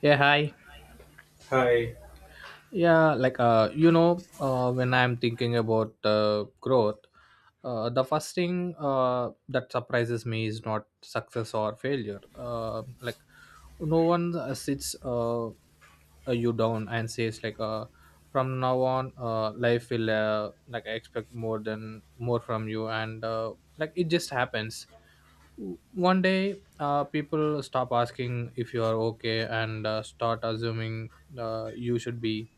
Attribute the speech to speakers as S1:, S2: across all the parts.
S1: Yeah, hi.
S2: Hi,
S1: Yeah, like when I'm thinking about growth, the first thing that surprises me is not success or failure. No one sits you down and says from now on, life will I expect more than more from you, and like it just happens one day people stop asking if you are okay and start assuming you should be,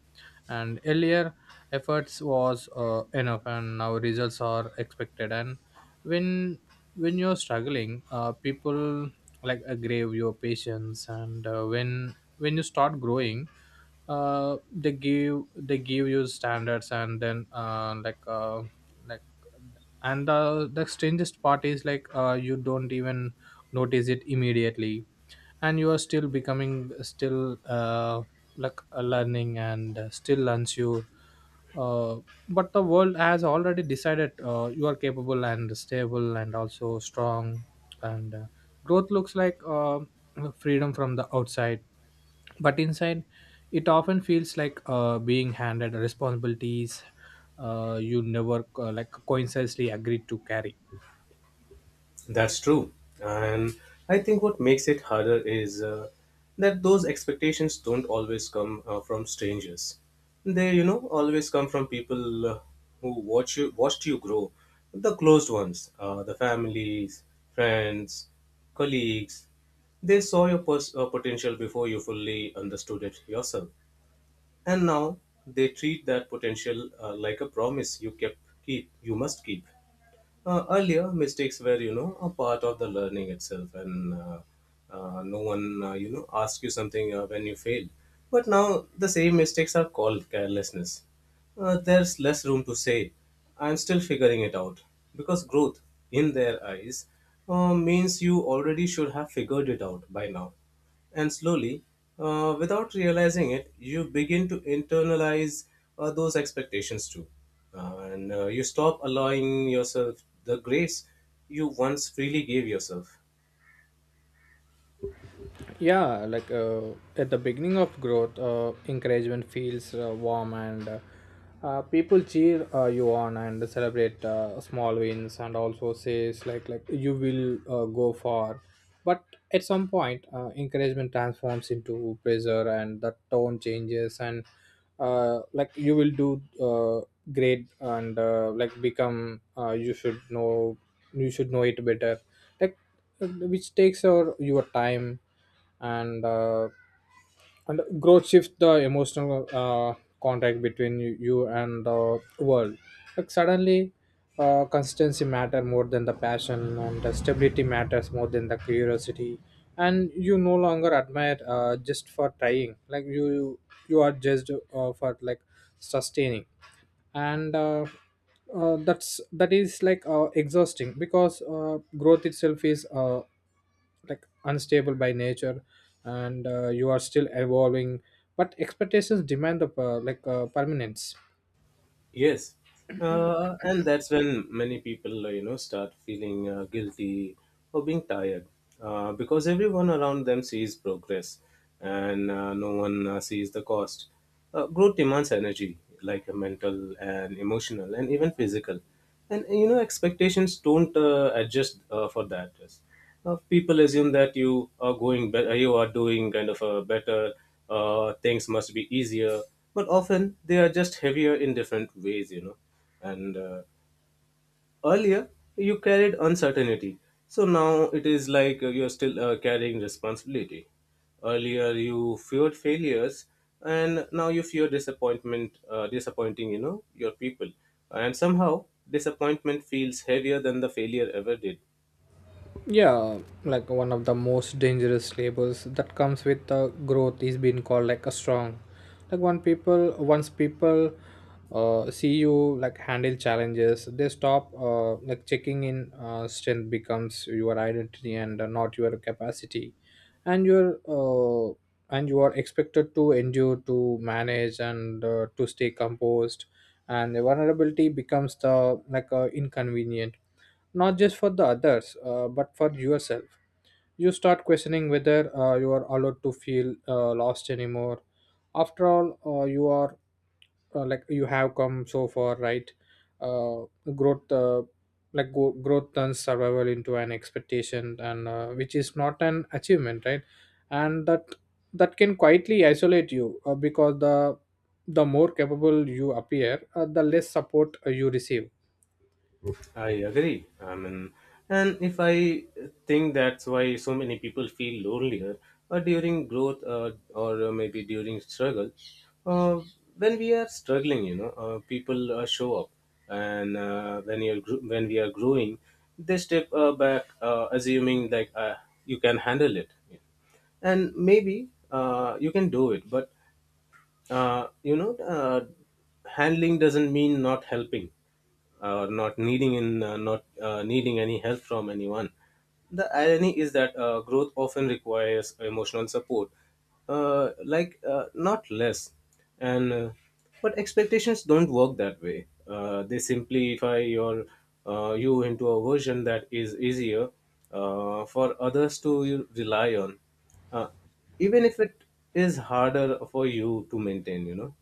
S1: and earlier efforts was enough and now results are expected. And when when you're struggling, people like aggrave your patience, and when you start growing, they give you standards, and then like and the strangest part is like, you don't even notice it immediately. And you are still becoming, still learning and still unsure, uh, but the world has already decided you are capable and stable and also strong. And growth looks like freedom from the outside, but inside it often feels like being handed responsibilities you never like coincidentally agreed to carry.
S2: that's true. And I think what makes it harder is that those expectations don't always come from strangers. They, always come from people who watched you grow. The closed ones, the families, friends, colleagues. They saw your potential before you fully understood it yourself, and now they treat that potential like a promise you must keep. Earlier mistakes were, a part of the learning itself, and no one, asked you something when you failed, but now the same mistakes are called carelessness. There's less room to say I'm still figuring it out, because growth, in their eyes, means you already should have figured it out by now. And slowly, without realizing it, you begin to internalize those expectations too. And you stop allowing yourself the grace you once freely gave yourself.
S1: Yeah, like at the beginning of growth, encouragement feels warm, and people cheer you on and celebrate small wins, and also says like you will go far. But at some point, encouragement transforms into pressure and the tone changes, and like you will do great, and like become you should know, it better, like uh, which takes our your time. And growth shifts the emotional contact between you, you and the world. Like suddenly, consistency matter more than the passion, and the stability matters more than the curiosity, and you no longer admire just for trying. You are judged for like sustaining, and that is like exhausting because growth itself is like unstable by nature, and you are still evolving, but expectations demand the permanence.
S2: Yes, and that's when many people, start feeling guilty or being tired, because everyone around them sees progress and no one sees the cost. Growth demands energy, like mental and emotional and even physical. And, expectations don't adjust for that. People assume that you are going better, you are doing kind of a better, things must be easier, but often they are just heavier in different ways, and earlier you carried uncertainty, so now it is like you are still carrying responsibility. Earlier you feared failures, and now you fear disappointment, disappointing, your people. And somehow disappointment feels heavier than the failure ever did.
S1: Yeah, like one of the most dangerous labels that comes with the growth is being called like a strong. Like one people Once people see you like handle challenges, they stop like checking in. Strength becomes your identity and not your capacity, and you are expected to endure, to manage, and to stay composed, and the vulnerability becomes the inconvenient, not just for the others, but for yourself. You start questioning whether you are allowed to feel lost anymore. After all, you are like you have come so far, right? uh, Growth, growth turns survival into an expectation, and which is not an achievement, right? And that can quietly isolate you, because the more capable you appear, the less support you receive.
S2: I agree. I mean, and if I think that's why so many people feel lonelier during growth, or maybe during struggle. Uh, when we are struggling, people show up, and when when we are growing, they step back, assuming you can handle it. And maybe you can do it, but uh, you know uh, handling doesn't mean not helping or not needing in, not needing any help from anyone. The irony is that growth often requires emotional support, not less. And but expectations don't work that way, they simplify your, you into a version that is easier for others to rely on, even if it is harder for you to maintain.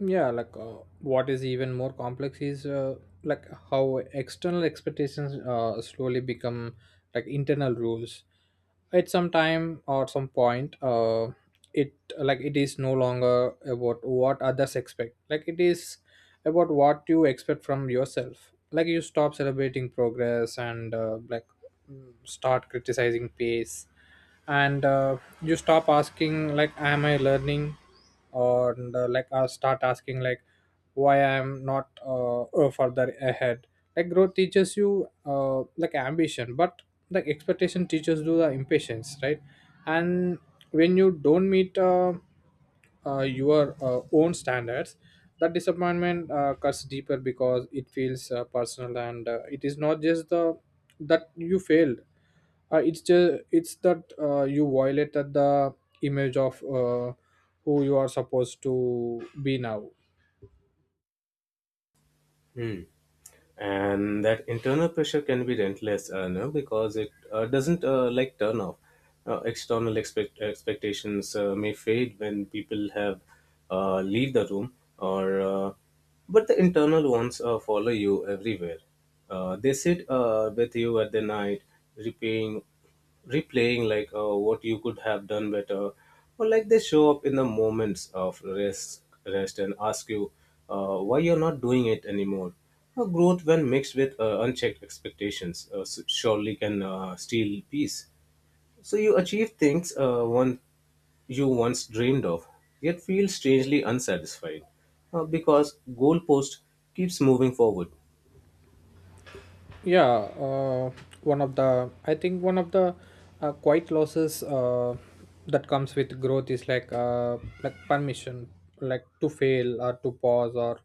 S1: Yeah, like what is even more complex is, like how external expectations slowly become like internal rules. At some time or some point, it like it is no longer about what others expect. Like, it is about what you expect from yourself. Like, you stop celebrating progress and start criticizing pace, and you stop asking like, am I learning? Or and, like Start asking like, why I am not further ahead? Like, growth teaches you like ambition, but like expectation teaches you the impatience, right? And when you don't meet your own standards, that disappointment cuts deeper because it feels personal, and it is not just the that you failed. It's just it's that you violated the image of who you are supposed to be now.
S2: Hmm. And that internal pressure can be relentless, no, because it doesn't turn off. External expectations may fade when people have leave the room, or uh, but the internal ones follow you everywhere. They sit with you at the night, repaying, replaying what you could have done better, or like they show up in the moments of rest and ask you why you're not doing it anymore. Growth, when mixed with unchecked expectations, surely can steal peace. So you achieve things one you once dreamed of, yet feel strangely unsatisfied, because goalpost keeps moving forward.
S1: Yeah, uh, one of the I think one of the quiet losses that comes with growth is like permission, like to fail or to pause or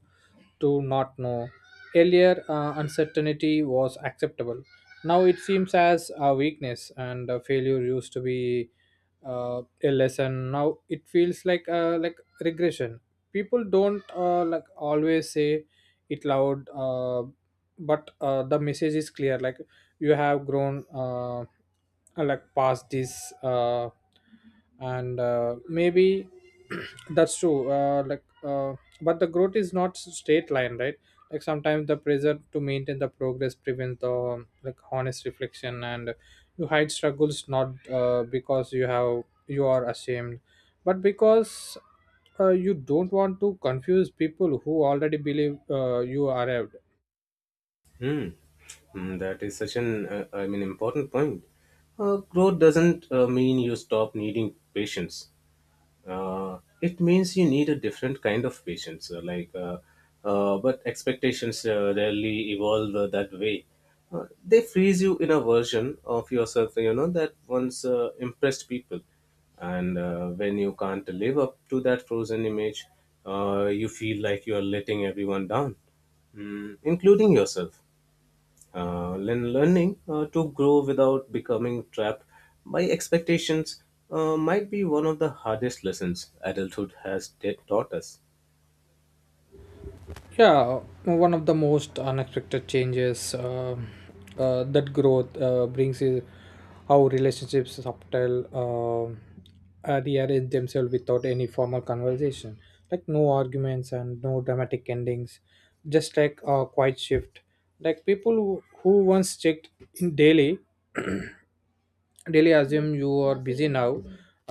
S1: to not know. Earlier, uncertainty was acceptable. Now it seems as a weakness, and failure used to be a lesson. Now it feels like regression. People don't like always say it loud. But The message is clear, like, you have grown like past this, and maybe that's true, but the growth is not straight line, right? Like sometimes the pressure to maintain the progress prevents the like honest reflection, and you hide struggles, not because you are ashamed, but because you don't want to confuse people who already believe you arrived.
S2: Hmm. Mm, that is such an I mean important point. Growth doesn't mean you stop needing patience. It means you need a different kind of patience. But expectations rarely evolve that way. They freeze you in a version of yourself, that once impressed people. And when you can't live up to that frozen image, you feel like you are letting everyone down, mm, including yourself. Learning to grow without becoming trapped by expectations might be one of the hardest lessons adulthood has taught us.
S1: Yeah, one of the most unexpected changes that growth brings is how relationships subtle rearrange themselves without any formal conversation. Like no arguments and no dramatic endings, just like a quiet shift. Like people who once checked in daily, daily, assume you are busy now.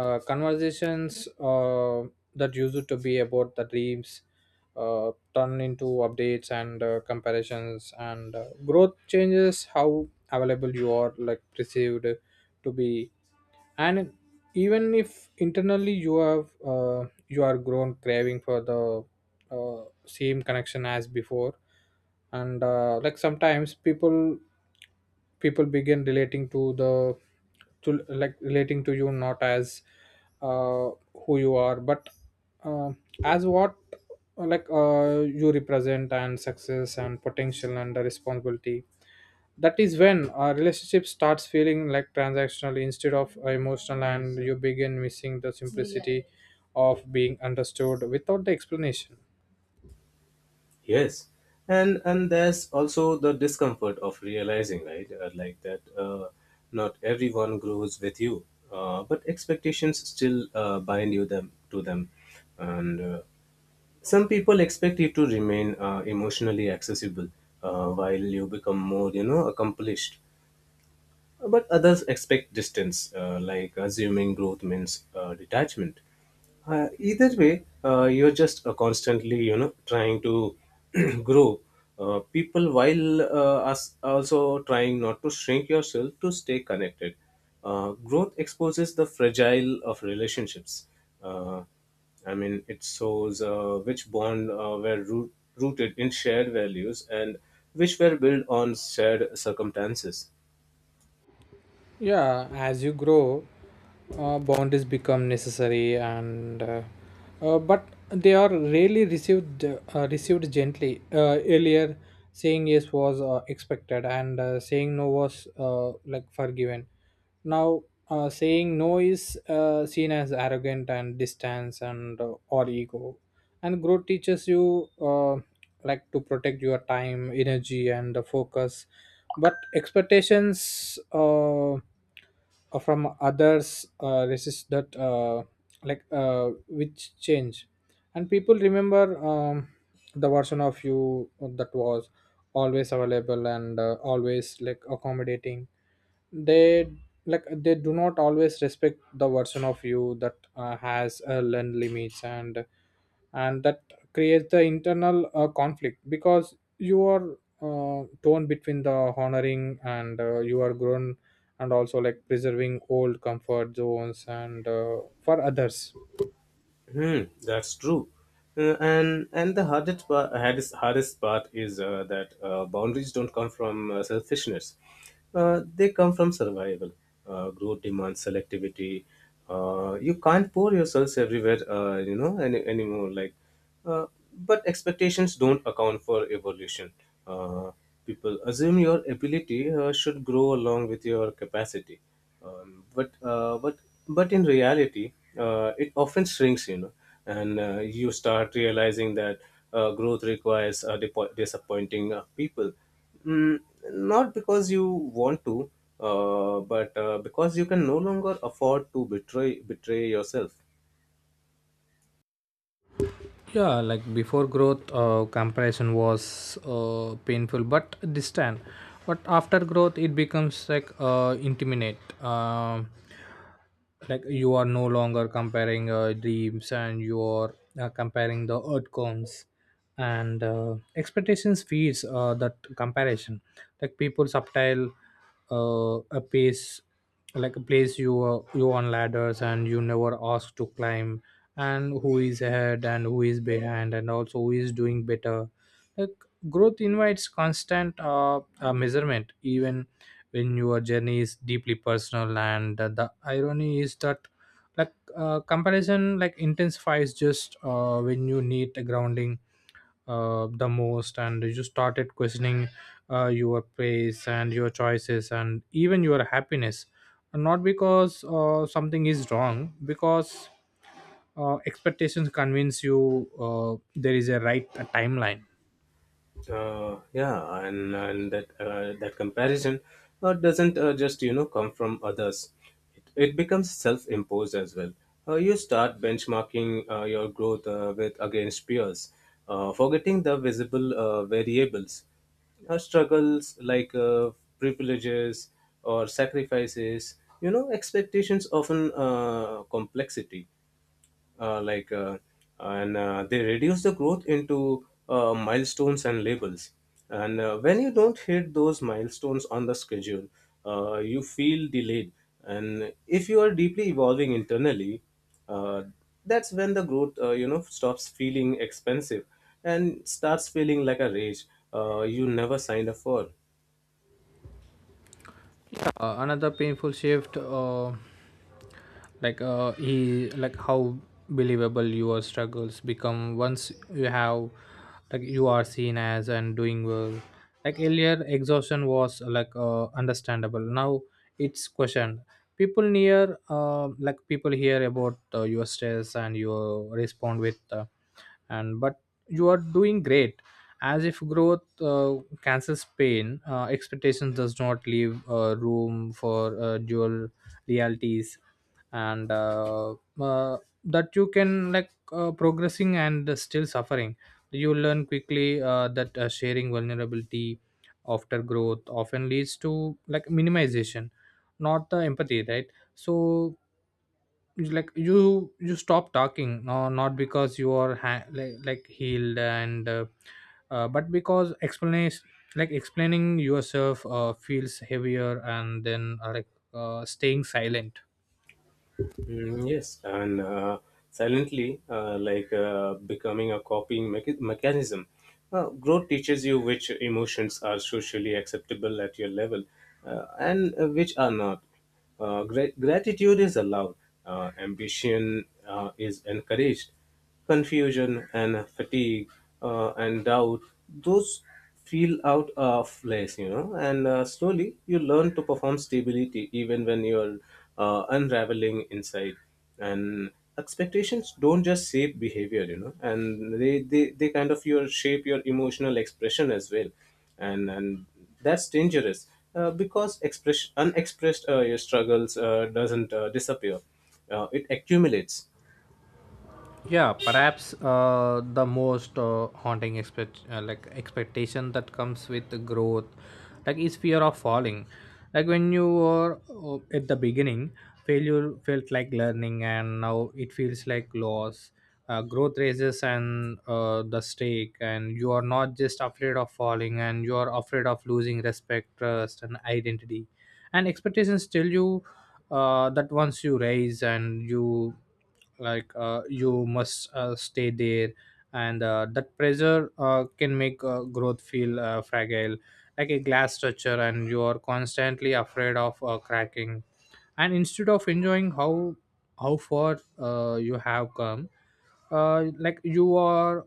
S1: Conversations that used to be about the dreams turn into updates and comparisons, and growth changes how available you are, like perceived to be. And even if internally you have you are grown craving for the same connection as before. And like sometimes people begin relating to the to like relating to you not as uh, who you are, but uh, as what you represent: and success and potential and the responsibility. That is when a relationship starts feeling like transactional instead of emotional, and you begin missing the simplicity of being understood without the explanation.
S2: Yes, and there's also the discomfort of realizing, right, like that not everyone grows with you, but expectations still bind you them to them, and some people expect you to remain emotionally accessible while you become more, accomplished. But others expect distance, assuming growth means detachment. Either way, you're just constantly, trying to grow. People, while us also trying not to shrink yourself to stay connected. Growth exposes the fragile of relationships. Uh, I mean, it shows which bond rooted in shared values and which were built on shared circumstances.
S1: Yeah, as you grow, boundaries become necessary, and but they are rarely received gently. Earlier, saying yes was expected, and saying no was like forgiven. Now, saying no is seen as arrogant and distance and or ego, and growth teaches you like to protect your time, energy, and the focus, but expectations from others resist that, which change. And people remember the version of you that was always available and always like accommodating. They like they do not always respect the version of you that has a learned limits. And that creates the internal conflict, because you are torn between the honoring and you are grown, and also like preserving old comfort zones and for others.
S2: Hmm, that's true. And the hardest part is that boundaries don't come from selfishness. They come from survival. Growth demands selectivity. You can't pour yourselves everywhere, anymore. Uh, but expectations don't account for evolution. Uh, People assume your ability should grow along with your capacity, um, but uh, but but in reality, it often shrinks. And you start realizing that growth requires disappointing people, mm, not because you want to, but because you can no longer afford to betray yourself.
S1: Yeah, like before growth, comparison was painful but distant. But after growth it becomes like intimate. Um like you are no longer comparing dreams, and you are comparing the outcomes, and expectations feeds that comparison. Like people subtile a pace like a place you, you on ladders and you never ask to climb, and who is ahead and who is behind and also who is doing better. Like growth invites constant measurement, even when your journey is deeply personal. And the irony is that, comparison, like, intensifies just when you need a grounding the most, and you started questioning your pace and your choices and even your happiness. Not because something is wrong, because expectations convince you there is a right timeline.
S2: Yeah, and that that comparison doesn't just, come from others. It becomes self-imposed as well. You start benchmarking your growth with against peers, forgetting the visible variables, struggles privileges or sacrifices, expectations often complexity, like and they reduce the growth into milestones and labels. And when you don't hit those milestones on the schedule, you feel delayed. And if you are deeply evolving internally, uh, that's when the growth, stops feeling expensive and starts feeling like a rage you never signed up for.
S1: Another painful shift, like he like how believable your struggles become once you have, like, you are seen as and doing well. Like, earlier exhaustion was like understandable. Now it's questioned. People near like People hear about your stress and you respond with and but you are doing great, as if growth cancels pain. Expectations does not leave room for dual realities, and uh, that you can like progressing and still suffering. You learn quickly that sharing vulnerability after growth often leads to like minimization, not the empathy, right? So you stop talking, no, not because you are healed and but because explanation like explaining yourself feels heavier, and then staying silent.
S2: Mm, yes, and silently, becoming a copying mechanism. Growth teaches you which emotions are socially acceptable at your level, and which are not. Gratitude is allowed, ambition is encouraged. Confusion and fatigue and doubt, those feel out of place, and slowly you learn to perform stability even when you're unraveling inside. And expectations don't just shape behavior, and they kind of your shape your emotional expression as well. And that's dangerous because unexpressed your struggles doesn't disappear, it accumulates.
S1: Yeah, perhaps the most haunting expectation that comes with the growth is fear of falling. Like when you were at the beginning, failure felt like learning, and now it feels like loss. Growth raises and the stake, and you are not just afraid of falling, and you are afraid of losing respect, trust and identity. And expectations tell you that once you raise and you you must stay there. And that pressure can make growth feel fragile, like a glass structure, and you are constantly afraid of cracking. And instead of enjoying how far you have come, you are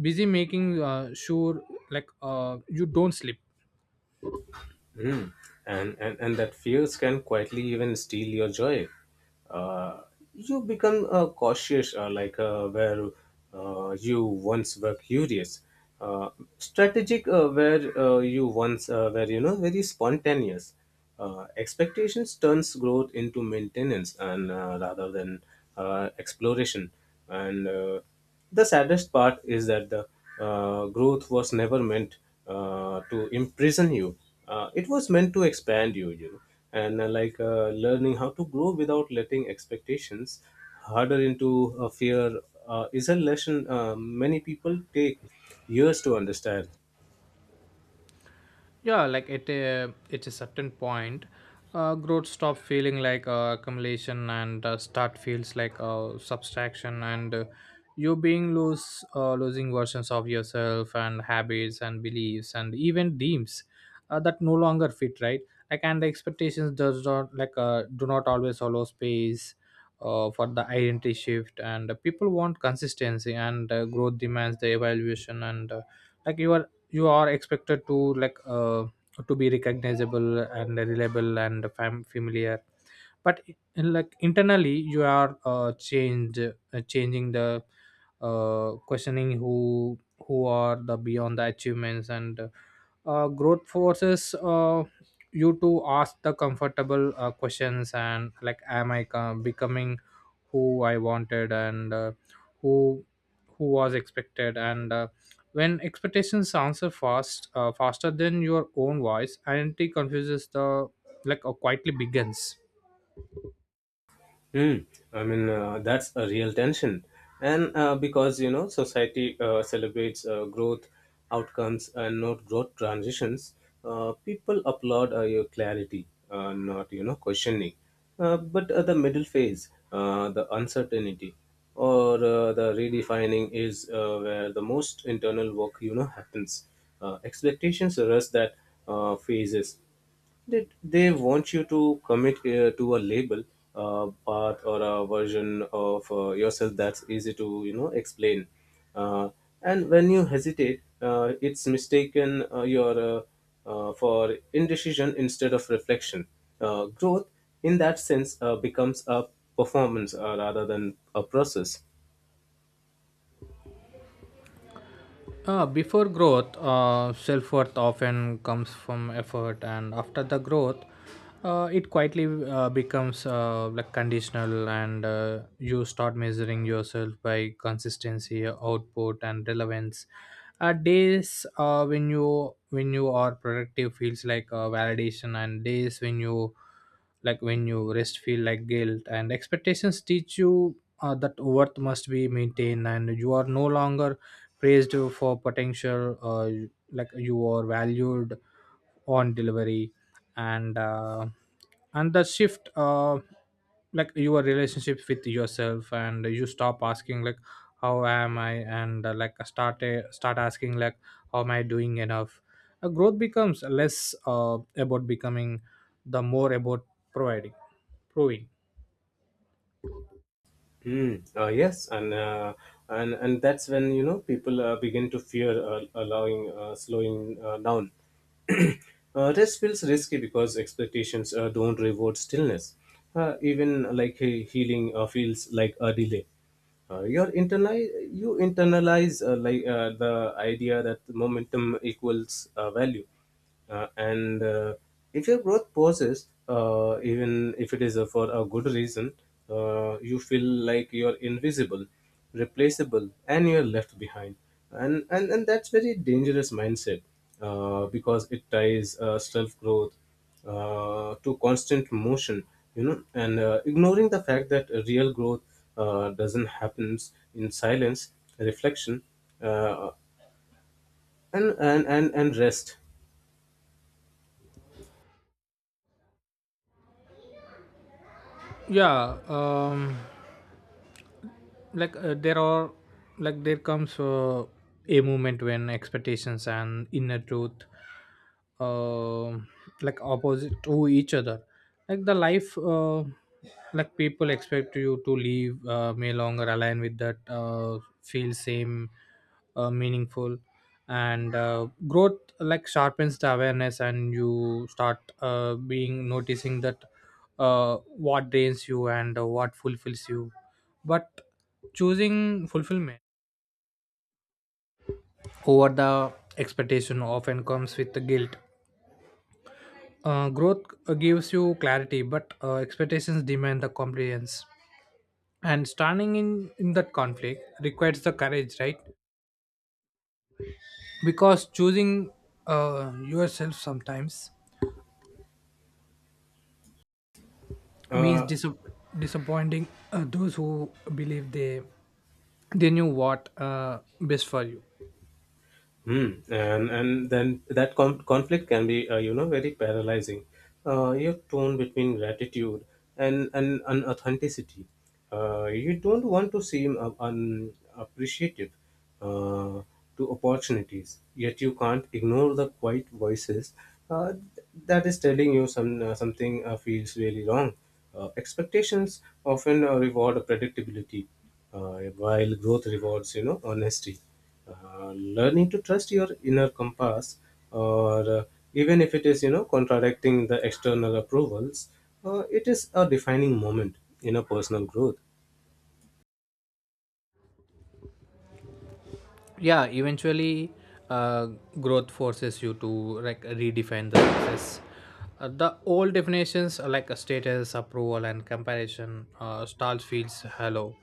S1: busy making sure you don't slip.
S2: Mm. And that fears can quietly even steal your joy. Uh, you become cautious, where you once were curious, uh, strategic, where you once were, very spontaneous. Expectations turns growth into maintenance and rather than exploration. And the saddest part is that the growth was never meant to imprison you, it was meant to expand you, you know and learning how to grow without letting expectations harder into fear is a lesson many people take years to understand.
S1: Yeah, like at a certain point, growth stop feeling like accumulation, and start feels like subtraction, and you being lose losing versions of yourself and habits and beliefs and even dreams that no longer fit right. Like, and the expectations does not like do not always allow space for the identity shift. And people want consistency, and growth demands the evaluation, and like you are you are expected to to be recognizable and reliable and familiar. But in, like internally you are changed changing, the questioning who are the beyond the achievements. And growth forces you to ask the comfortable questions, and like, am I becoming who I wanted, and who who was expected. And when expectations answer faster than your own voice, identity confuses the quietly begins.
S2: Mm, I mean, that's a real tension. And because, society celebrates growth outcomes and not growth transitions, people applaud your clarity, not, questioning. But the middle phase, the uncertainty, or the redefining is where the most internal work, happens. Expectations rush that phases. They want you to commit to a label, a path, or a version of yourself that's easy to, explain. Uh, and when you hesitate, it's mistaken your for indecision instead of reflection. Growth, in that sense, becomes a performance rather than a process.
S1: Before growth, self worth often comes from effort, and after the growth, it quietly becomes conditional, and you start measuring yourself by consistency, output, and relevance. At days when you are productive feels like validation, and days when you when you rest feel like guilt. And expectations teach you that worth must be maintained, and you are no longer praised for potential. You are valued on delivery, and the shift, your relationship with yourself, and you stop asking, like, how am I? And start asking, like, how am I doing enough? Growth becomes less about becoming, the more about providing, proving.
S2: Mm, yes, and that's when, people begin to fear allowing slowing down. Rest feels risky because expectations don't reward stillness. Even like healing feels like a delay. Your internal you internalize the idea that momentum equals value, and if your growth pauses, even if it is for a good reason, you feel like you're invisible, replaceable, and you're left behind. And that's very dangerous mindset, because it ties self growth to constant motion, and ignoring the fact that real growth doesn't happens in silence, reflection, uh, and rest.
S1: Yeah, like, there are, like there comes a moment when expectations and inner truth um like opposite to each other. Like the life like people expect you to live may longer align with that, feel same, meaningful. And growth like sharpens the awareness, and you start being noticing that uh, what drains you and what fulfills you. But choosing fulfillment over the expectation often comes with the guilt. Growth gives you clarity, but expectations demand the compliance. And standing in that conflict requires the courage, right? Because choosing yourself sometimes means
S2: uh,
S1: disappointing those who believe they knew what best for you.
S2: Hmm, and then that conflict can be, very paralyzing. Your tone between gratitude and authenticity. You don't want to seem unappreciative uh, to opportunities, yet you can't ignore the quiet voices uh, that is telling you some, something feels really wrong. Expectations often reward predictability, uh, while growth rewards, honesty. Learning to trust your inner compass or even if it is, contradicting the external approvals, it is a defining moment in a personal growth.
S1: Yeah, eventually uh, growth forces you to like redefine the success. The old definitions, status, approval and comparison stars feels hollow,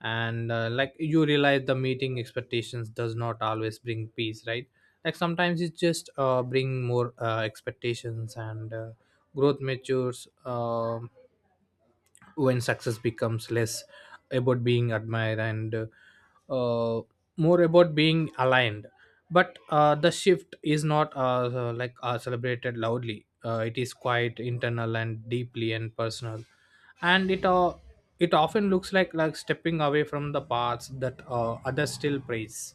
S1: and like you realize the meeting expectations does not always bring peace, right? Like sometimes it just bring more expectations. And growth matures when success becomes less about being admired, and uh, more about being aligned. But the shift is not celebrated loudly. It is quite internal and deeply and personal, and it often looks like stepping away from the paths that others still praise.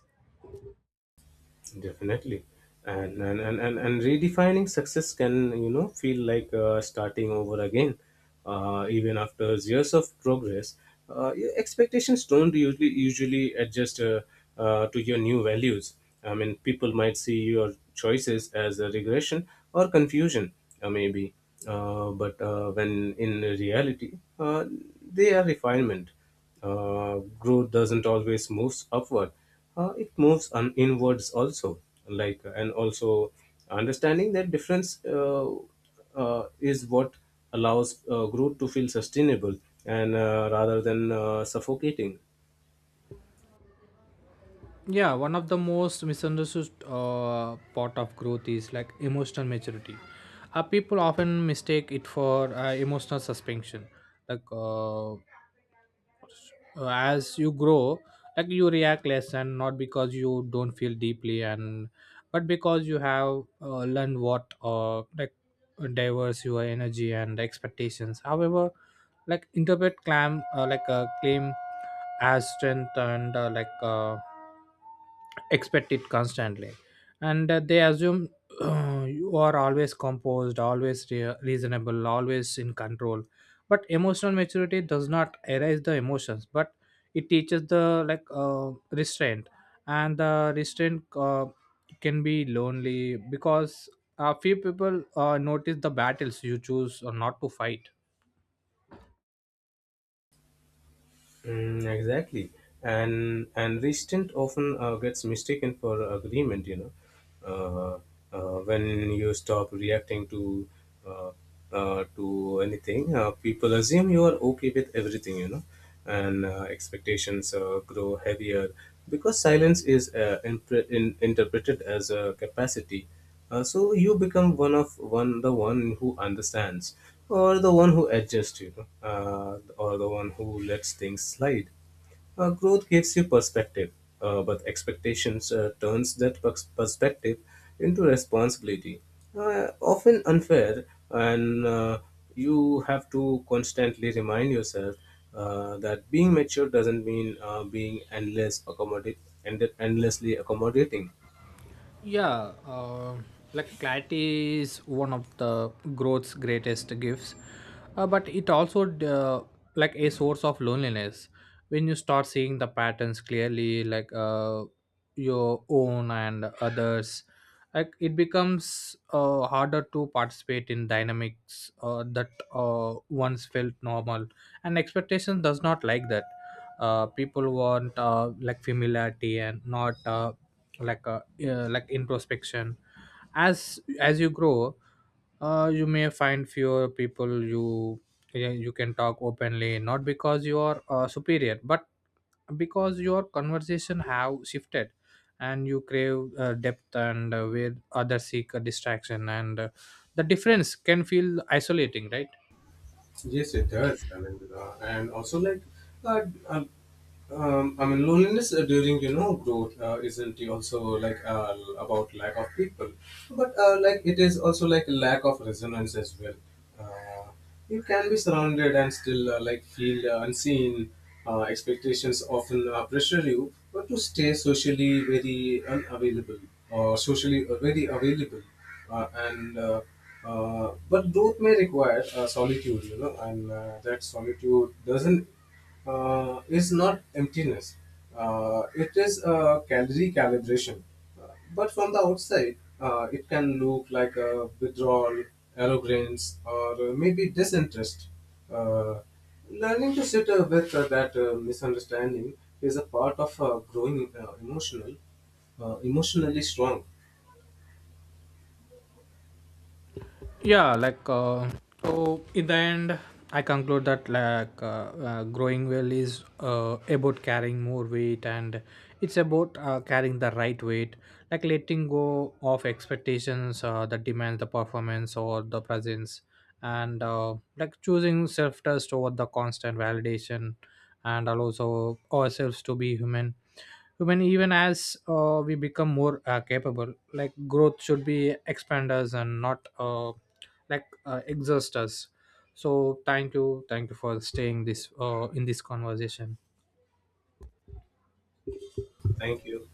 S2: Definitely. And redefining success can, feel like starting over again. Even after years of progress, your expectations don't usually adjust to your new values. I mean, people might see your choices as a regression or confusion, maybe. But when in reality, they are refinement. Growth doesn't always moves upward. It moves on inwards also. Like and also understanding that difference, is what allows growth to feel sustainable and rather than suffocating.
S1: Yeah, one of the most misunderstood part of growth is like emotional maturity. People often mistake it for emotional suspension. like uh, as you grow, like you react less, and not because you don't feel deeply, and but because you have learned what diverse your energy. And expectations, however, like interpret clam like a claim as strength, and expect it constantly. And they assume you are always composed, always reasonable, always in control. But emotional maturity does not erase the emotions, but it teaches the, restraint. And the restraint can be lonely because few people notice the battles you choose or not to fight.
S2: Mm, exactly, and restraint often gets mistaken for agreement. When you stop reacting to, uh, to anything, people assume you are okay with everything. And expectations grow heavier because silence is interpreted as a capacity. So you become one of one who understands or the one who adjusts, or the one who lets things slide. Growth gives you perspective, but expectations turns that perspective into responsibility, often unfair. And you have to constantly remind yourself that being mature doesn't mean being endlessly accommodating.
S1: Yeah, like clarity is one of the growth's greatest gifts, but it also like a source of loneliness. When you start seeing the patterns clearly, your own and others, like it becomes harder to participate in dynamics that once felt normal. And expectation does not like that. People want like familiarity, and not like introspection. As you grow, you may find fewer people you, yeah, you can talk openly, not because you are superior, but because your conversation have shifted, and you crave depth, and where others seek a distraction. And the difference can feel isolating, right?
S2: Yes, it does. I mean, and also like, uh, uh, I mean, loneliness during, growth isn't it also like about lack of people, but it is also like lack of resonance as well. Uh, you can be surrounded and still feel unseen. Expectations often pressure you, but to stay socially very unavailable or socially very available, and but growth may require solitude, and that solitude doesn't, is not emptiness. It is a calorie calibration. Uh, But from the outside, it can look like a withdrawal, arrogance, or maybe disinterest. Uh, Learning to sit with that misunderstanding is a part of growing emotionally strong.
S1: Yeah, so in the end I conclude that growing well is about carrying more weight, and it's about carrying the right weight, like letting go of expectations that demand the performance or the presence, and choosing self-trust over the constant validation, and also ourselves to be human, when even as we become more capable. Like growth should be expand us, and not exhaust us. So thank you for staying this in this conversation.
S2: Thank you.